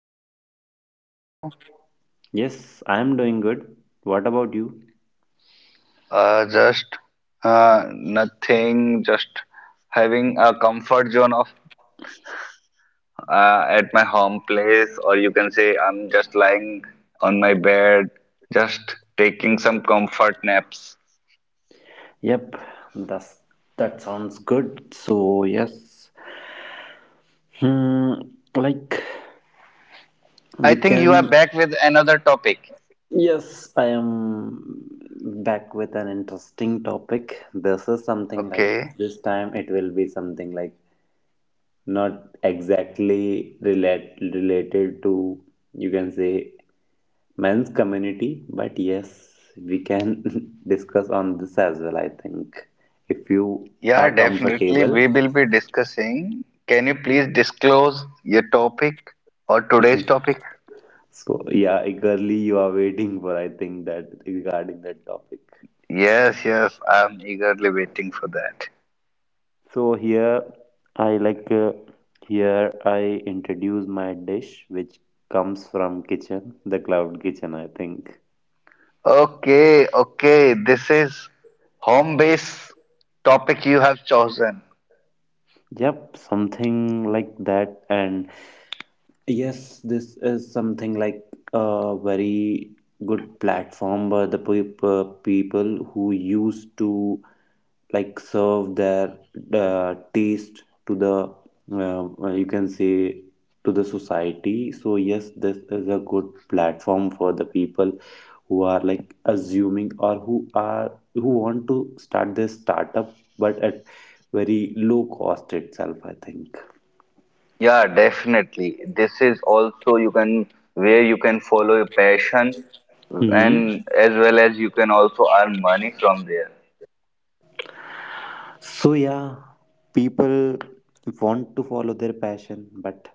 Hello Pankaj, how are you? Yes, I am doing good. What about you? Just nothing, just having a comfort zone of, at my home place, or you can say I'm just lying on my bed, just taking some comfort naps. Yep, that's that sounds good. So, yes. Hmm, like I we think you are can back with another topic. Yes, I am back with an interesting topic. This is something like Okay. this time it will be something like not exactly related to, you can say, men's community, but yes, we can discuss on this as well, I think, if you Yeah, are definitely. comfortable. We will be discussing. Can you please disclose your topic or today's topic? So, yeah, eagerly you are waiting for, I think, that regarding that topic. Yes, yes, I'm eagerly waiting for that. So, here I like, uh, here I introduce my dish which comes from kitchen, the cloud kitchen, I think. Okay, okay. This is home base topic you have chosen. Yep, something like that. And yes, this is something like a very good platform by the people who used to like serve their taste to the you can say to the society. So yes, this is a good platform for the people who are like assuming or who want to start this startup, but at very low cost itself, I think. Yeah, definitely. This is also you can, where you can follow your passion, hmm and as well as you can also earn money from there. So, yeah, people want to follow their passion, but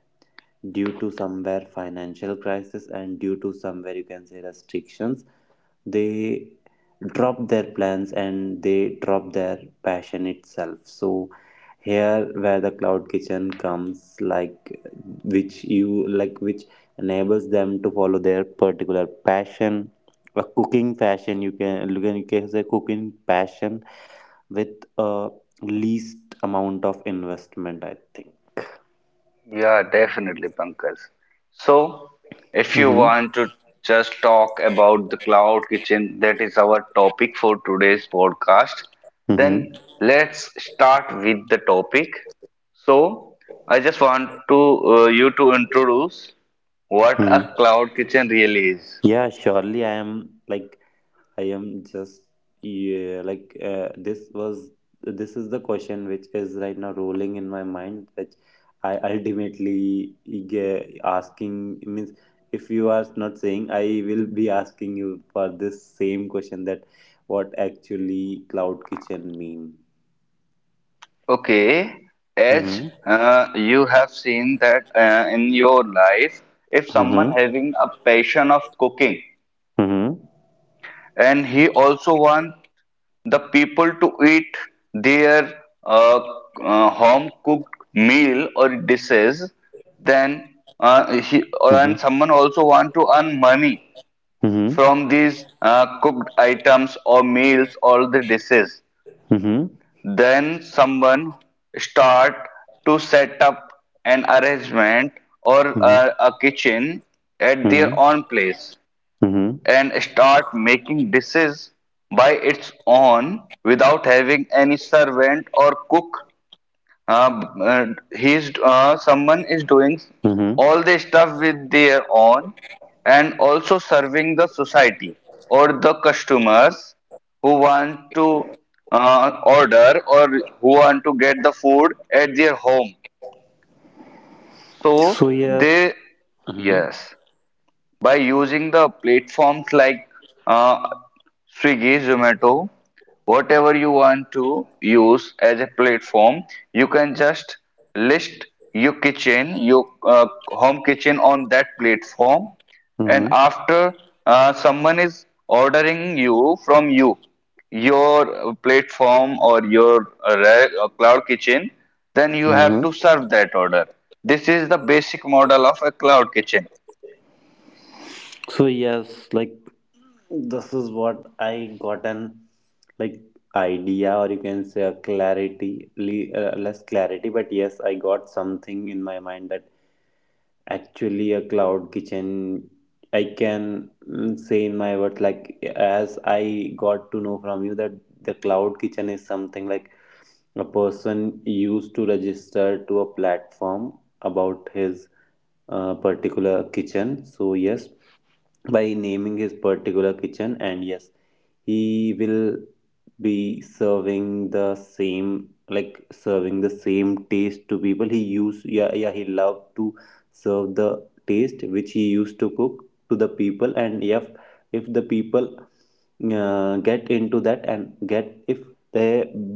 due to somewhere financial crisis and due to somewhere you can say restrictions, they drop their plans and they drop their passion itself. So, here where the cloud kitchen comes, like which you like, which enables them to follow their particular passion, a cooking passion, you can say cooking passion with a least amount of investment I think. Yeah, definitely, Pankaj. So, if you Mm-hmm. want to just talk about the cloud kitchen, that is our topic for today's podcast, Mm-hmm. then let's start with the topic. So, I just want to, you to introduce what hmm a cloud kitchen really is. yeah, surely I am like I am just yeah, like this was this is the question which is right now rolling in my mind which I asking means if you are not saying I will be asking you for this same question that what actually cloud kitchen mean. Okay, as Mm-hmm. You have seen that in your life, if someone Mm-hmm. having a passion of cooking Mm-hmm. and he also want the people to eat their uh, home cooked meal or dishes, then and someone also want to earn money Mm-hmm. from these cooked items or meals or the dishes, Mm-hmm. then someone start to set up an arrangement or Mm-hmm. A kitchen at their Mm-hmm. own place Mm-hmm. and start making dishes by its own without having any servant or cook. Uh, uh, he's Someone is doing Mm-hmm. all the stuff with their own and also serving the society or the customers who want to order, or who want to get the food at their home. So So yes. they, Mm-hmm. yes, by using the platforms like, uh, Swiggy, Zomato, whatever you want to use as a platform, you can just list your kitchen, your home kitchen on that platform, and Mm-hmm. after someone is ordering you from you, your platform or your cloud kitchen, then you have to Mm-hmm. serve that order. This is the basic model of a cloud kitchen. So yes, like this is what I got an like idea or you can say a less clarity, but yes I got something in my mind that actually a cloud kitchen I can say in my words, like as I got to know from you, that the cloud kitchen is something like a person used to register to a platform about his particular kitchen, so yes, by naming his particular kitchen, and yes he will be serving the same, like serving the same taste to people he used, yeah yeah, he loved to serve the taste which he used to cook to the people. And if the people get into that and get if they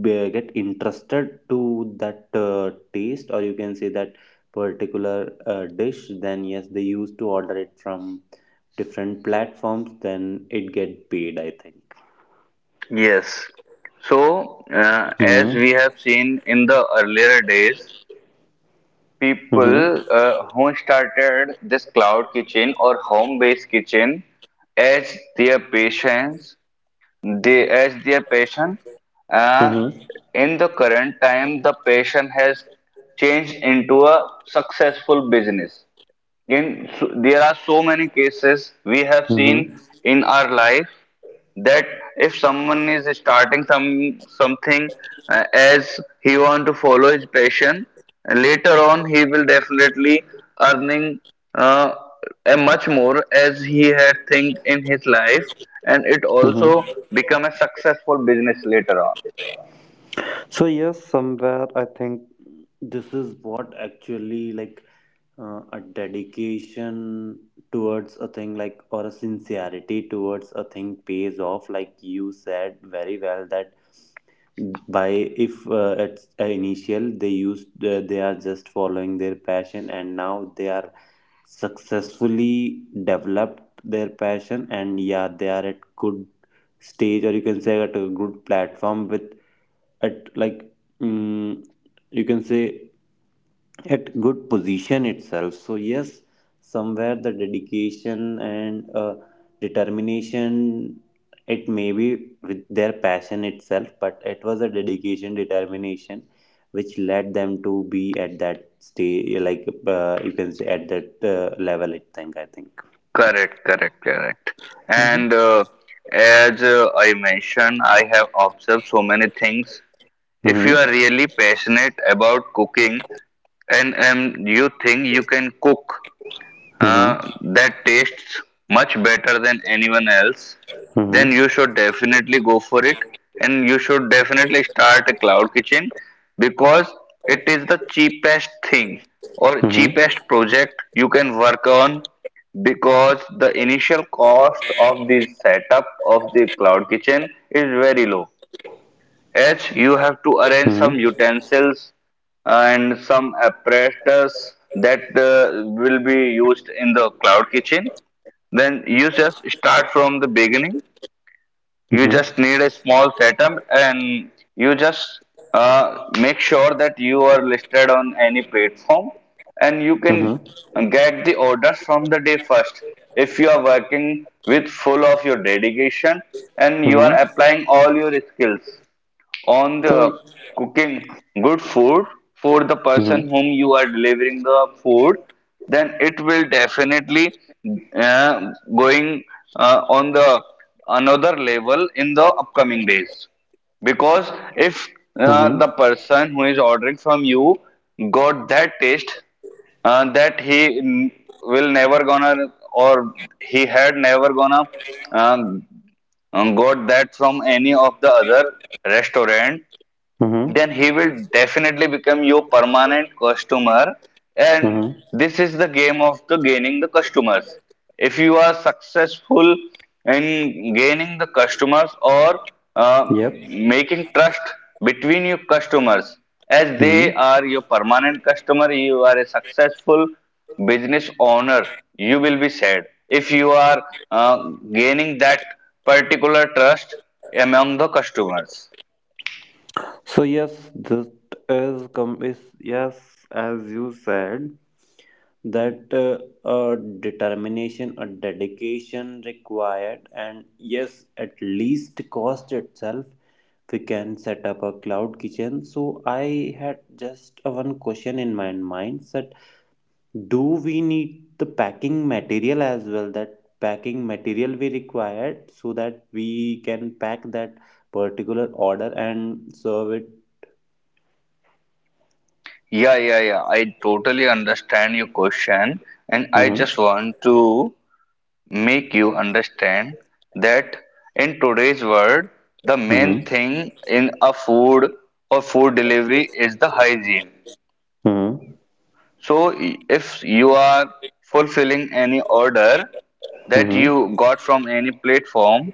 get interested to that taste, or you can say that particular dish, then yes they used to order it from different platforms, then it get paid, I think. Yes. So, as hmm we have seen in the earlier days, hmm people who started this cloud kitchen or home-based kitchen as their patients, they as their passion. Uh, hmm in the current time, the passion has changed into a successful business. In so, there are so many cases we have seen hmm in our life that if someone is starting something, as he want to follow his passion, later on he will definitely earning uh, a much more as he had think in his life, and it also hmm become a successful business later on. So yes, somewhere I think this is what actually, like, a dedication towards a thing, like, or a sincerity towards a thing pays off, like you said very well that by if at initial they used they are just following their passion, and now they are successfully developed their passion, and yeah they are at good stage or you can say at a good platform with at like mm you can say at good position itself. So yes, somewhere the dedication and determination, it may be with their passion itself, but it was a dedication determination which led them to be at that stage, like you can say at that level I think I think. Correct, correct, correct. Mhm. And as I mentioned, I have observed so many things. If you Mhm. are really passionate about cooking and you think you can cook uh, Mhm. that tastes much better than anyone else, then Mhm. you should definitely go for it, and you should definitely start a cloud kitchen, because it is the cheapest thing or Mhm. cheapest project you can work on, because the initial cost of the setup of the cloud kitchen is very low. H, you have to arrange Mhm. some utensils and some apparatus that will be used in the cloud kitchen. Then you just start from the beginning. You Mhm. just need a small setup, and you just make sure that you are listed on any platform, and you can Mhm. get the orders from the day first, if you are working with full of your dedication and you are Mhm. applying all your skills on So. the cooking good food for the Mhm. person whom you are delivering the food. Then it will definitely uh, going on the another level in the upcoming days, because if Mhm. the person who is ordering from you got that taste that he will never gonna, or he had never gonna um, got that from any of the other restaurant, Mhm. then he will definitely become your permanent customer, and Mhm. this is the game of the gaining the customers. If you are successful in gaining the customers, or uh, Yep. making trust between your customers, as they Mm-hmm. are your permanent customer, you are a successful business owner, you will be said, if you are uh, gaining that particular trust among the customers. So yes, this is com is yes, as you said, that a determination, a dedication required, and yes, at least cost itself, we can set up a cloud kitchen. So I had just a one question in my mind, that do we need the packing material as well? That packing material we required so that we can pack that particular order and serve Yeah, yeah, yeah. I totally understand your question, and I just it. want to make you understand that in today's world, the Mhm. main thing in a food or food delivery is the hygiene. Mhm. So, if you are fulfilling any order that Mhm. you got from any platform,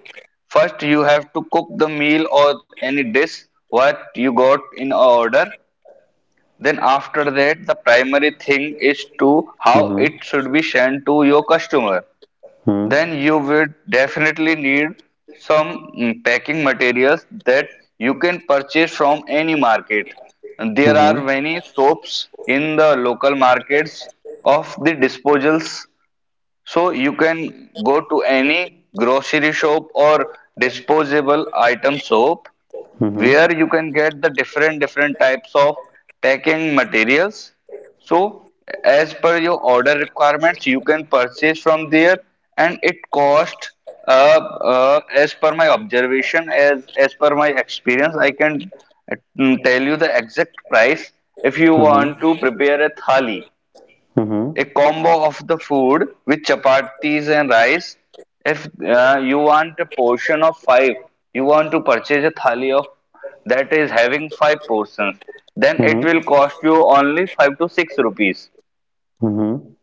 first you have to cook the meal or any dish what you got in a order, then after that, the primary thing is to how Mhm. it should be sent to your customer. Mhm. Then you will definitely need some packing materials that you can purchase from any market. And there are Mhm. many soaps in the local markets of the disposals, so you can go to any grocery shop or disposable item shop Mhm. where you can get the different different types of packing materials. So as per your order requirements, you can purchase from there, and it cost uh, as per my observation, as per my experience, I can uh, tell you the exact price. If you Mhm. want to prepare a thali, a Mhm. combo of the food with chapatis and rice. If you want a portion of 5, you want to purchase a thali of that is having 5 portions, then it will Mhm. cost you only 5 to 6 rupees. Mhm.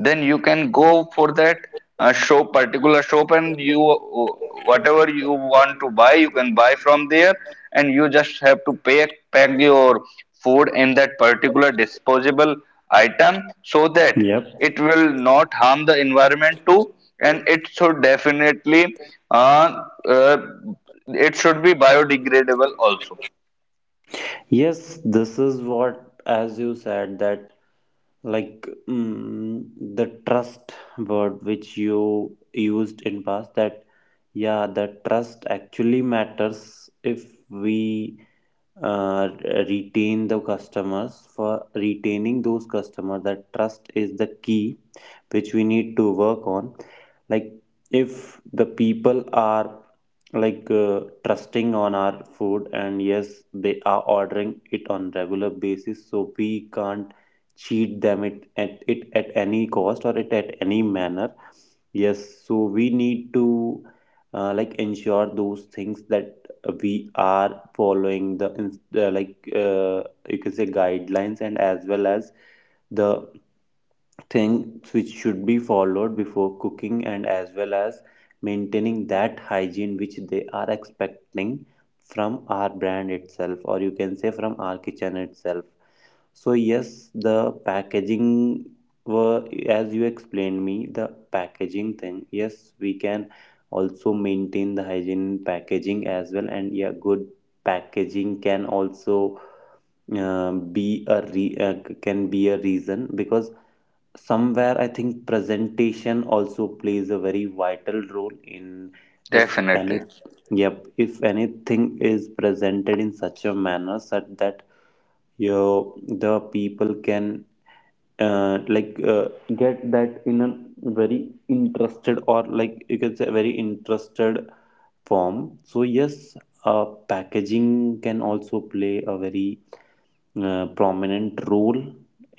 Then you can go for that shop particular shop, and you, whatever you want to buy, you can buy from there, and you just have to pack your food in that particular disposable item, so that Yep. it will not harm the environment too, and it should definitely uh, uh, it should be biodegradable also. Yes, this is what, as you said, that like the trust word which you used in past, that yeah, the trust actually matters. If we uh, retain the customers, for retaining those customers that trust is the key which we need to work on, like if the people are like trusting on our food, and yes they are ordering it on regular basis, so we can't cheat them it at any cost or it at any manner. Yes, so we need to like ensure those things, that we are following the you can say guidelines, and as well as the things which should be followed before cooking, and as well as maintaining that hygiene which they are expecting from our brand itself, or you can say from our kitchen itself. So yes, the packaging, were as you explained me the packaging thing, yes, we can also maintain the hygiene packaging as well, and yeah, good packaging can also uh, be a re- uh, can be a reason, because somewhere I think presentation also plays a very vital role in if any Definitely. yep, if anything is presented in such a manner such that, you know, the people can uh, like uh, get that in a very interested, or like you can say very interested form. So yes, packaging can also play a very prominent role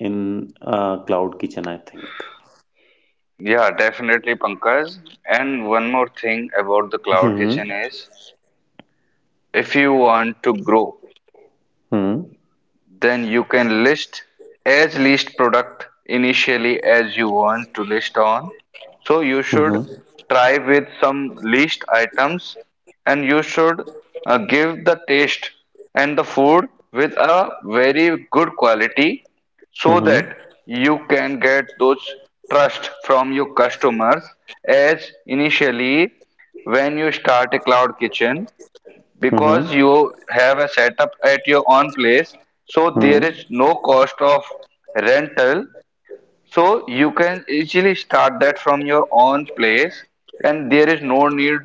in cloud kitchen, I think. Yeah, definitely, Pankaj. And one more thing about the cloud hmm kitchen is, if you want to grow, hmm then you can list as least product initially as you want to list on. So you should hmm try with some least items, and you should give the taste and the food with a very good quality, so that hmm you can get those trust from your customers, as initially when you start a cloud kitchen. hmm Because you have a setup at your own place, so there is hmm no cost of rental, so you can easily start that from your own place, and there is no need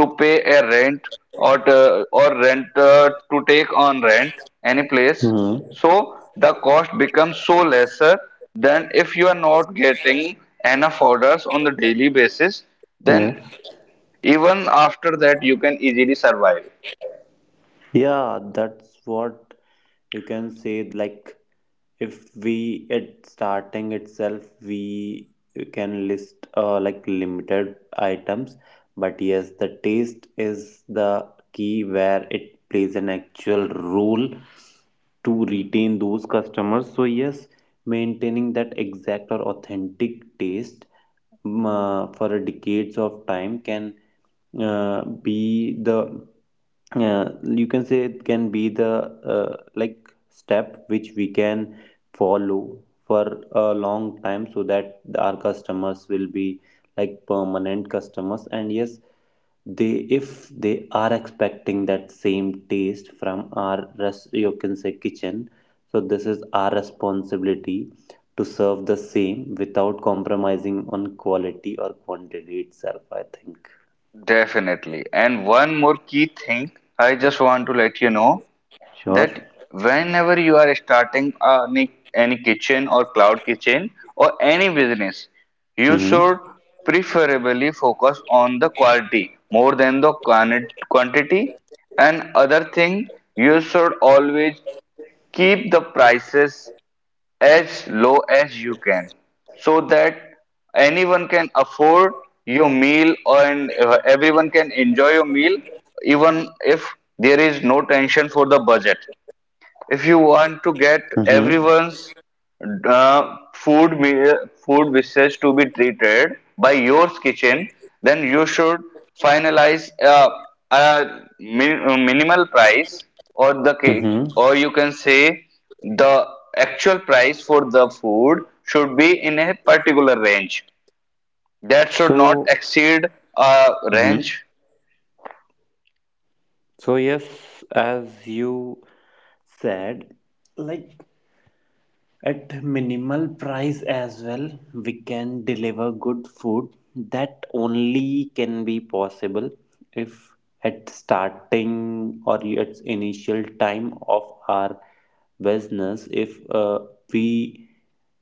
to pay a rent, or to, or rent to take on rent any place, hmm so the cost becomes so lesser. Than if you are not getting enough orders on the daily basis, then yes. even after that you can easily survive. Yeah, that's what you can say, like if we at starting itself we can list like limited items, but yes the taste is the key where it plays an actual role to retain those customers. So yes, maintaining that exact or authentic taste for decades of time can be the you can say it can be the uh, like step which we can follow for a long time, so that our customers will be like permanent customers, and yes they, if they are expecting that same taste from our rest, you can say kitchen, so this is our responsibility to serve the same without compromising on quality or quantity itself, I think. Definitely. And one more key thing, I just want to let you know, Sure. that whenever you are starting any kitchen or cloud kitchen or any business, you Mm-hmm. should preferably focus on the quality more than the quantity. And other thing, you should always keep the prices as low as you can, so that anyone can afford your meal, and everyone can enjoy your meal, even if there is no tension for the budget. If you want to get Mm-hmm. everyone's uh, food food wishes to be treated by your kitchen, then you should finalize a minimal price, or the cake, or Mm-hmm. you can say the actual price for the food should be in a particular range. That should not So, exceed a mhm. range. So yes, as you said, like at minimal price as well, we can deliver good food. That only can be possible if at starting or at initial time of our business, if we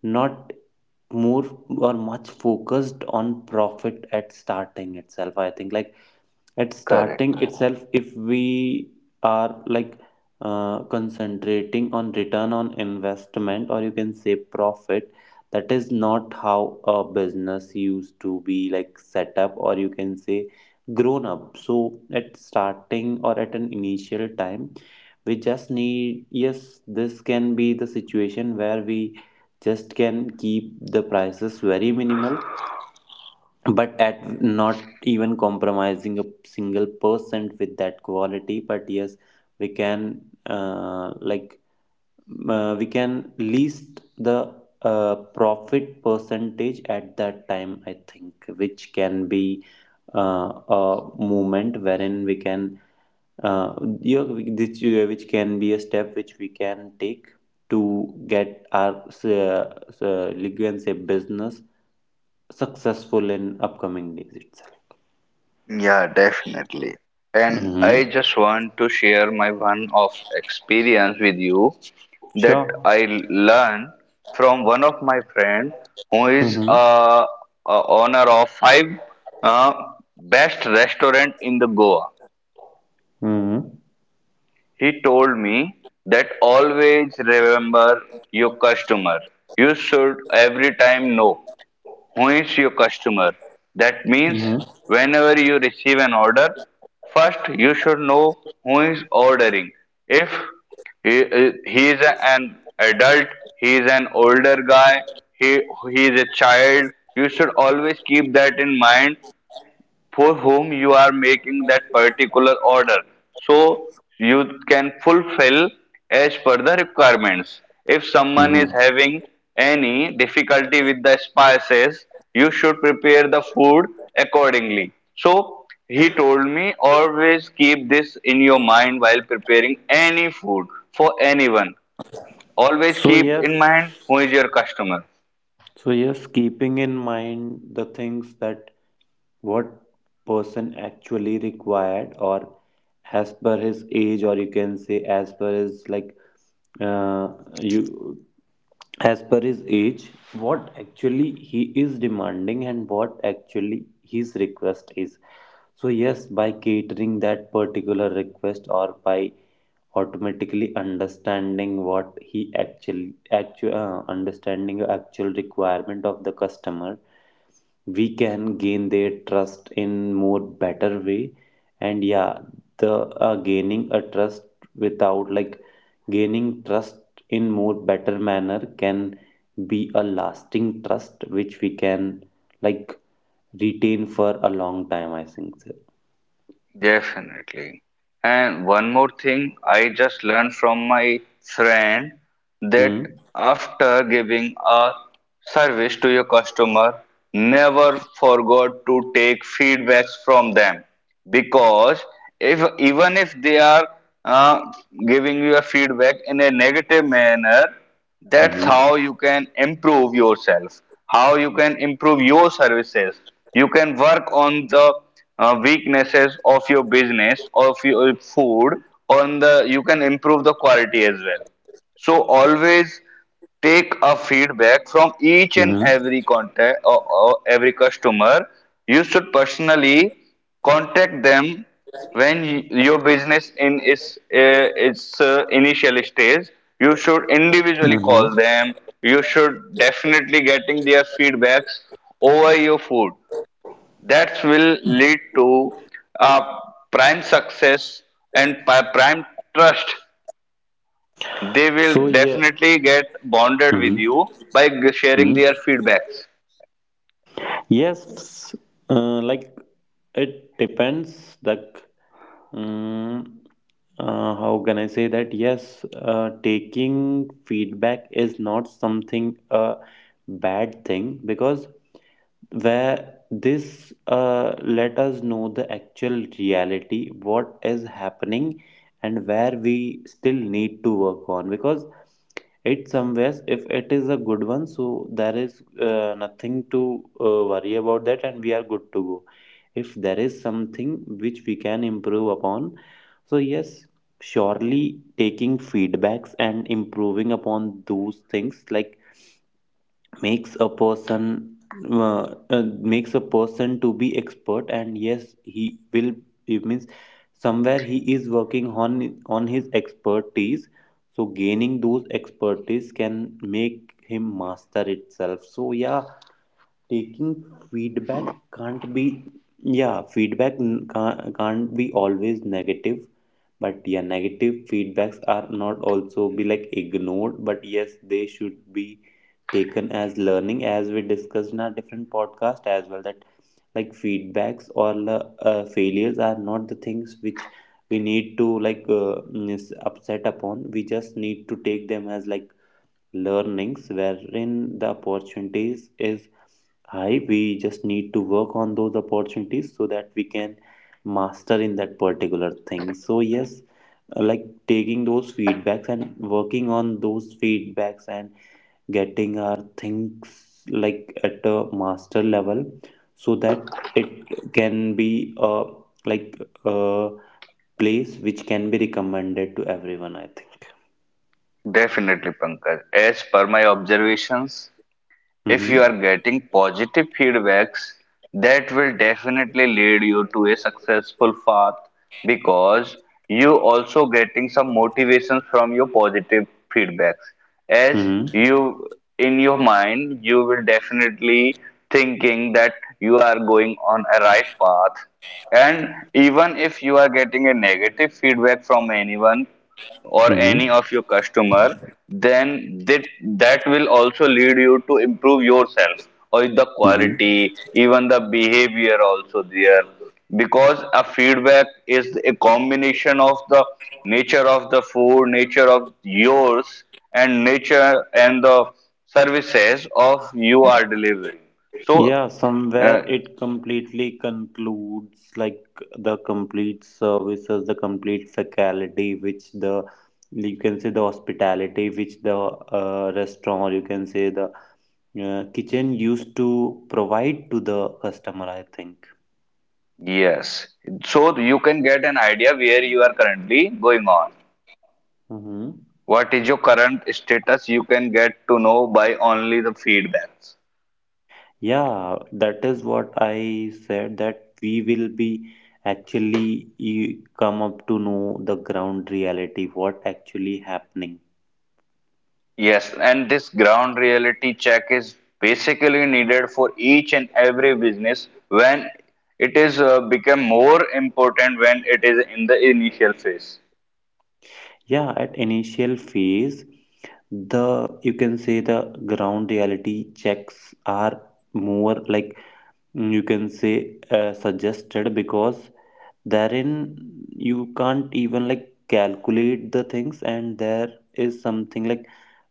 not more or much focused on profit at starting itself. I think, like at Correct. starting itself, if we are like concentrating on return on investment or you can say profit, that is not how a business used to be like set up or you can say grown up. So at starting or at an initial time we just need, yes this can be the situation where we just can keep the prices very minimal, but at not even compromising a single percent with that quality, but yes we can uh, like we can list the profit percentage at that time I think, which can be a movement wherein we can uh, yeah, which can be a step which we can take to get our like you can say business successful in upcoming days itself. Yeah, definitely. And I Mm-hmm. just want to share my one of experience with you, that Sure. I learned from one of my friend, who is Mm-hmm. A owner of 5 uh, best restaurant in the Goa. Mm-hmm. He told me that always remember your customer. You should every time know whence your customer. That means Mm-hmm. whenever you receive an order, first you should know who is ordering. If he is an adult, he is an older guy, he, he is a child, you should always keep that in mind for whom you are making that particular order. So you can fulfill as per the requirements. If someone is Mm-hmm. having any difficulty with the spices, you should prepare the food accordingly. So he told me always keep this in your mind while preparing any food for anyone. Always So keep yes, in mind who is your customer. so yes, keeping in mind the things that what person actually required, or as per his age, or you can say as per his like uh, you as per his age, what actually he is demanding and what actually his request is. So yes, by catering that particular request, or by automatically understanding what he actually actual understanding the actual requirement of the customer, we can gain their trust in more better way. And yeah, the gaining a trust without like gaining trust in more better manner can be a lasting trust which we can like retain for a long time, I think so. Definitely. And one more thing, I just learned from my friend that Hmm. after giving a service to your customer, never forgot to take feedbacks from them because if even if they are uh, giving you a feedback in a negative manner, that's Mm-hmm. how you can improve yourself, how you can improve your services. You can work on the weaknesses of your business, of your food. On the, you can improve the quality as well. So always take a feedback from each and Mm-hmm. every contact, or every customer. You should personally contact them when your business in is its initial stage. You should individually call Mm-hmm. them. You should definitely getting their feedbacks over your food. That will lead to uh, prime success and prime trust. They So will yeah. definitely get bonded with Mm-hmm. you by sharing their Mm-hmm. feedbacks. Yes, uh, like it depends. Mm, how can I say that? Yes, taking feedback is not something a bad thing because where this let us know the actual reality, what is happening, and where we still need to work on, because it somewhere, if it is a good one, so there is nothing to worry about that, and we are good to go if there is something which we can improve upon. So yes, surely taking feedbacks and improving upon those things, like, makes a person, uh, uh, makes a person to be expert, and yes he will, it means somewhere he is working on his expertise, so gaining those expertise can make him master itself. So yeah, taking feedback can't be, yeah, feedback can't be always negative, but yeah, negative feedbacks are not also be like ignored, but yes, they should be taken as learning, as we discussed in our different podcast as well, that like feedbacks or failures are not the things which we need to like is upset upon. We just need to take them as like learnings, wherein the opportunities is high. We just need to work on those opportunities so that we can master in that particular thing. So yes, like taking those feedbacks and working on those feedbacks and getting our things like at a master level, so that it can be like a place which can be recommended to everyone, I think. Definitely, Pankaj. As per my observations, if you Mm-hmm. are getting positive feedbacks, that will definitely lead you to a successful path, because you also getting some motivations from your positive feedbacks. As Mm-hmm. you, in your mind, you will definitely thinking that you are going on a right path. And even if you are getting a negative feedback from anyone or Mm-hmm. any of your customer, then that will also lead you to improve yourself or the Mm-hmm. quality, even the behavior also there, because a feedback is a combination of the nature of the food, nature of yours, and nature and the services of you are delivering. So Yeah, uh, somewhere it completely concludes like the complete services, the complete faculty, which the, you can say, the hospitality, which the restaurant, or you can say the kitchen used to provide to the customer, I think. yes. So you can get an idea where you are currently going on. Hmm. What is your current status? You can get to know by only the feedbacks. Yeah, that is what I said, that we will be, actually, you come up to know the ground reality, what actually happening. Yes, and this ground reality check is basically needed for each and every business when it is become more important when it is in the initial phase. Yeah, at initial phase, the, you can say, the ground reality checks are more like, mm, you can say, suggested, because therein you can't even like calculate the things, and there is something like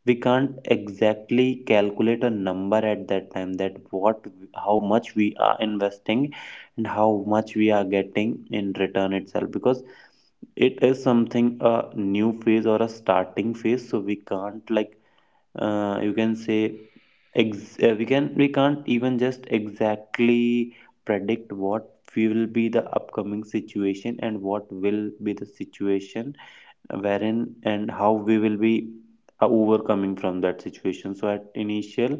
we can't exactly calculate a number at that time, that what, how much we are investing and how much we are getting in return itself, because it is something a new phase or a starting phase, so we can't like, you can say, we can, we can't even just exactly predict what will be the upcoming situation, and what will be the situation wherein, and how we will be overcoming from that situation. So at initial,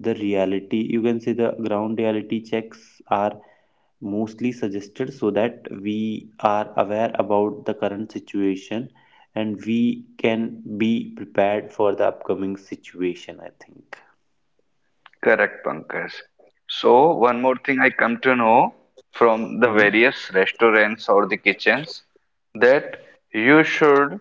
the reality, you can say, the ground reality checks are mostly suggested, so that we are aware about the current situation and we can be prepared for the upcoming situation, I think. Correct, Pankaj. So, one more thing I come to know from the Mm-hmm. various restaurants or the kitchens, that you should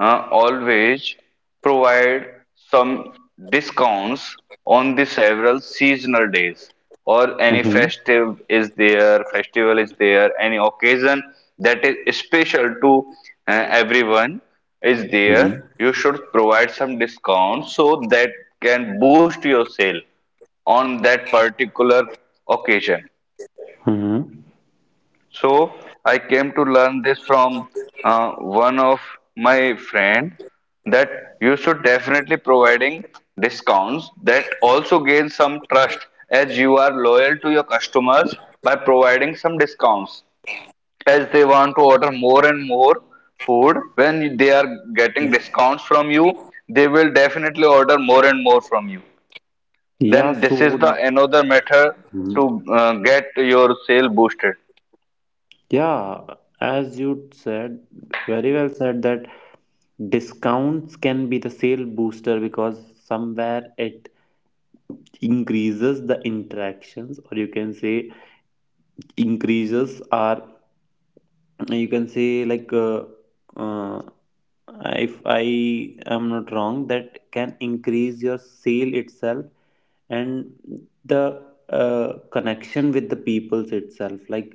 always provide some discounts on the several seasonal days, or any Hmm. festive is there, festival is there, any occasion that is special to everyone is there. Hmm. You should provide some discount so that can boost your sale on that particular occasion. Hmm? So I came to learn this from one of my friend that you should definitely providing discounts. That also gain some trust, as you are loyal to your customers by providing some discounts, as they want to order more and more food. When they are getting discounts from you, they will definitely order more and more from you. Yeah, Then this is so. the another method Mhm. to get your sale boosted. Yeah, as you said, very well said, that discounts can be the sale booster, because somewhere it increases the interactions, or you can say increases our, you can say like, uh, if I am not wrong, that can increase your sale itself, and the connection with the peoples itself, like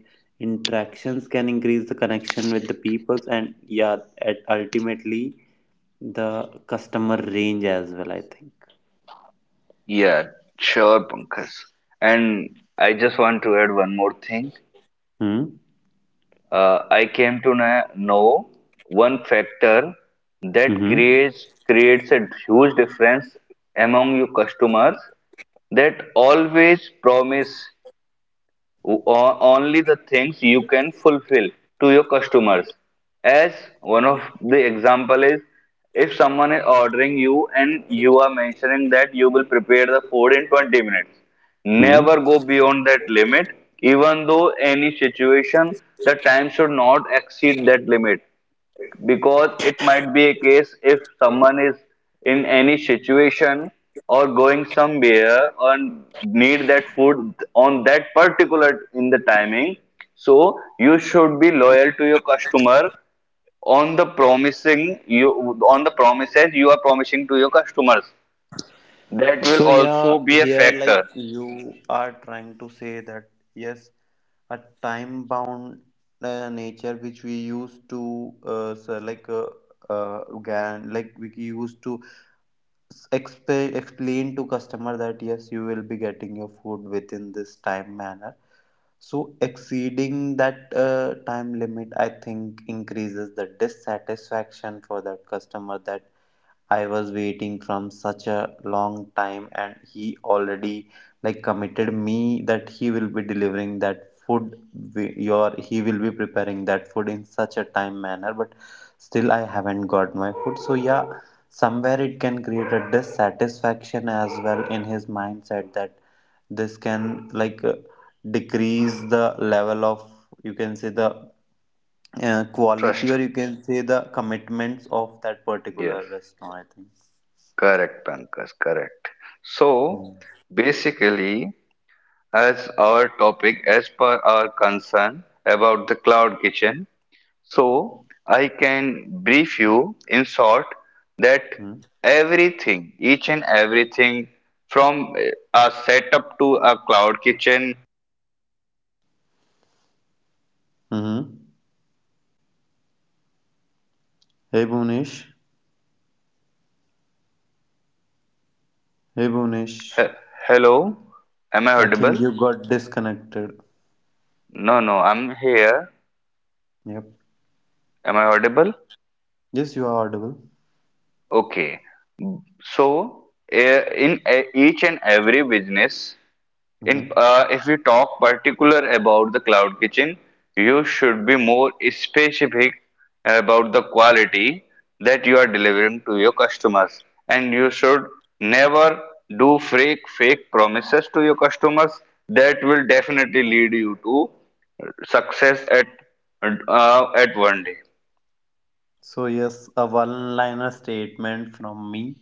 interactions can increase the connection with the peoples, and yeah, at ultimately, the customer range as well, I think. Yeah, sure, Pankaj. And I just want to add one more thing. Hmm. I came to know one factor that Mm-hmm. creates a huge difference among your customers, that always promise only the things you can fulfill to your customers. As one of the example is, if someone is ordering you and you are mentioning that you will prepare the food in 20 minutes, Hmm? never go beyond that limit. Even though any situation, the time should not exceed that limit, because it might be a case if someone is in any situation or going somewhere and need that food on that particular in the timing. So you should be loyal to your customer on the promising you, on the promises you are promising to your customers. That will So also yeah, be a here like factor. you are trying to say that, yes, a time bound nature which we used to so like like we used to explain to customer that, yes, you will be getting your food within this time manner. So exceeding that time limit, I think, increases the dissatisfaction for that customer, that I was waiting from such a long time and he already like committed me that he will be delivering that food, wi- your he will be preparing that food in such a time manner, but still I haven't got my food. So yeah, somewhere it can create a dissatisfaction as well in his mindset, that this can like decrease the level of, you can say, the quality, Trust. or you can say the commitments of that Yes. particular restaurant, I think. Correct, Pankaj. Correct. Mm. So basically, as our topic, as per our concern about the cloud kitchen. So, I can brief you in short that Mm. everything, each and everything from a setup to a cloud kitchen. Mhm. Hey Bonish. Hey Bonish. He- Hello, am I I think audible? you got disconnected. No, no, I'm here. Yep. Am I audible? Yes, you are audible. Okay. So, in each and every business, in Hmm. If we talk particular about the cloud kitchen, you should be more specific about the quality that you are delivering to your customers, and you should never do fake promises to your customers. That will definitely lead you to success at one day. So, yes, a one liner statement from me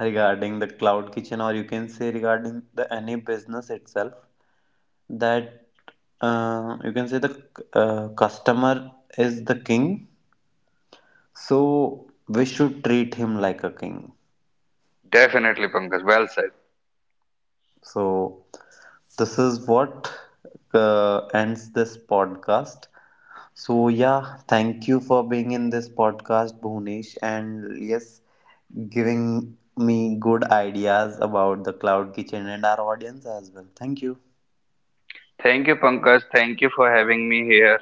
regarding the cloud kitchen, or you can say regarding the any business itself, that you can say the customer is the king. So, we should treat him like a king. Definitely, Pankaj. Well said. So, this is what ends this podcast. So, yeah, thank you for being in this podcast, Bhunesh, and yes, giving me good ideas about the cloud kitchen and our audience as well. Thank you. Thank you, Pankaj. Thank you for having me here.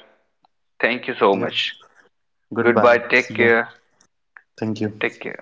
Thank you so Yep. much. Goodbye. Goodbye. Take See ya. care. Thank you. Take care.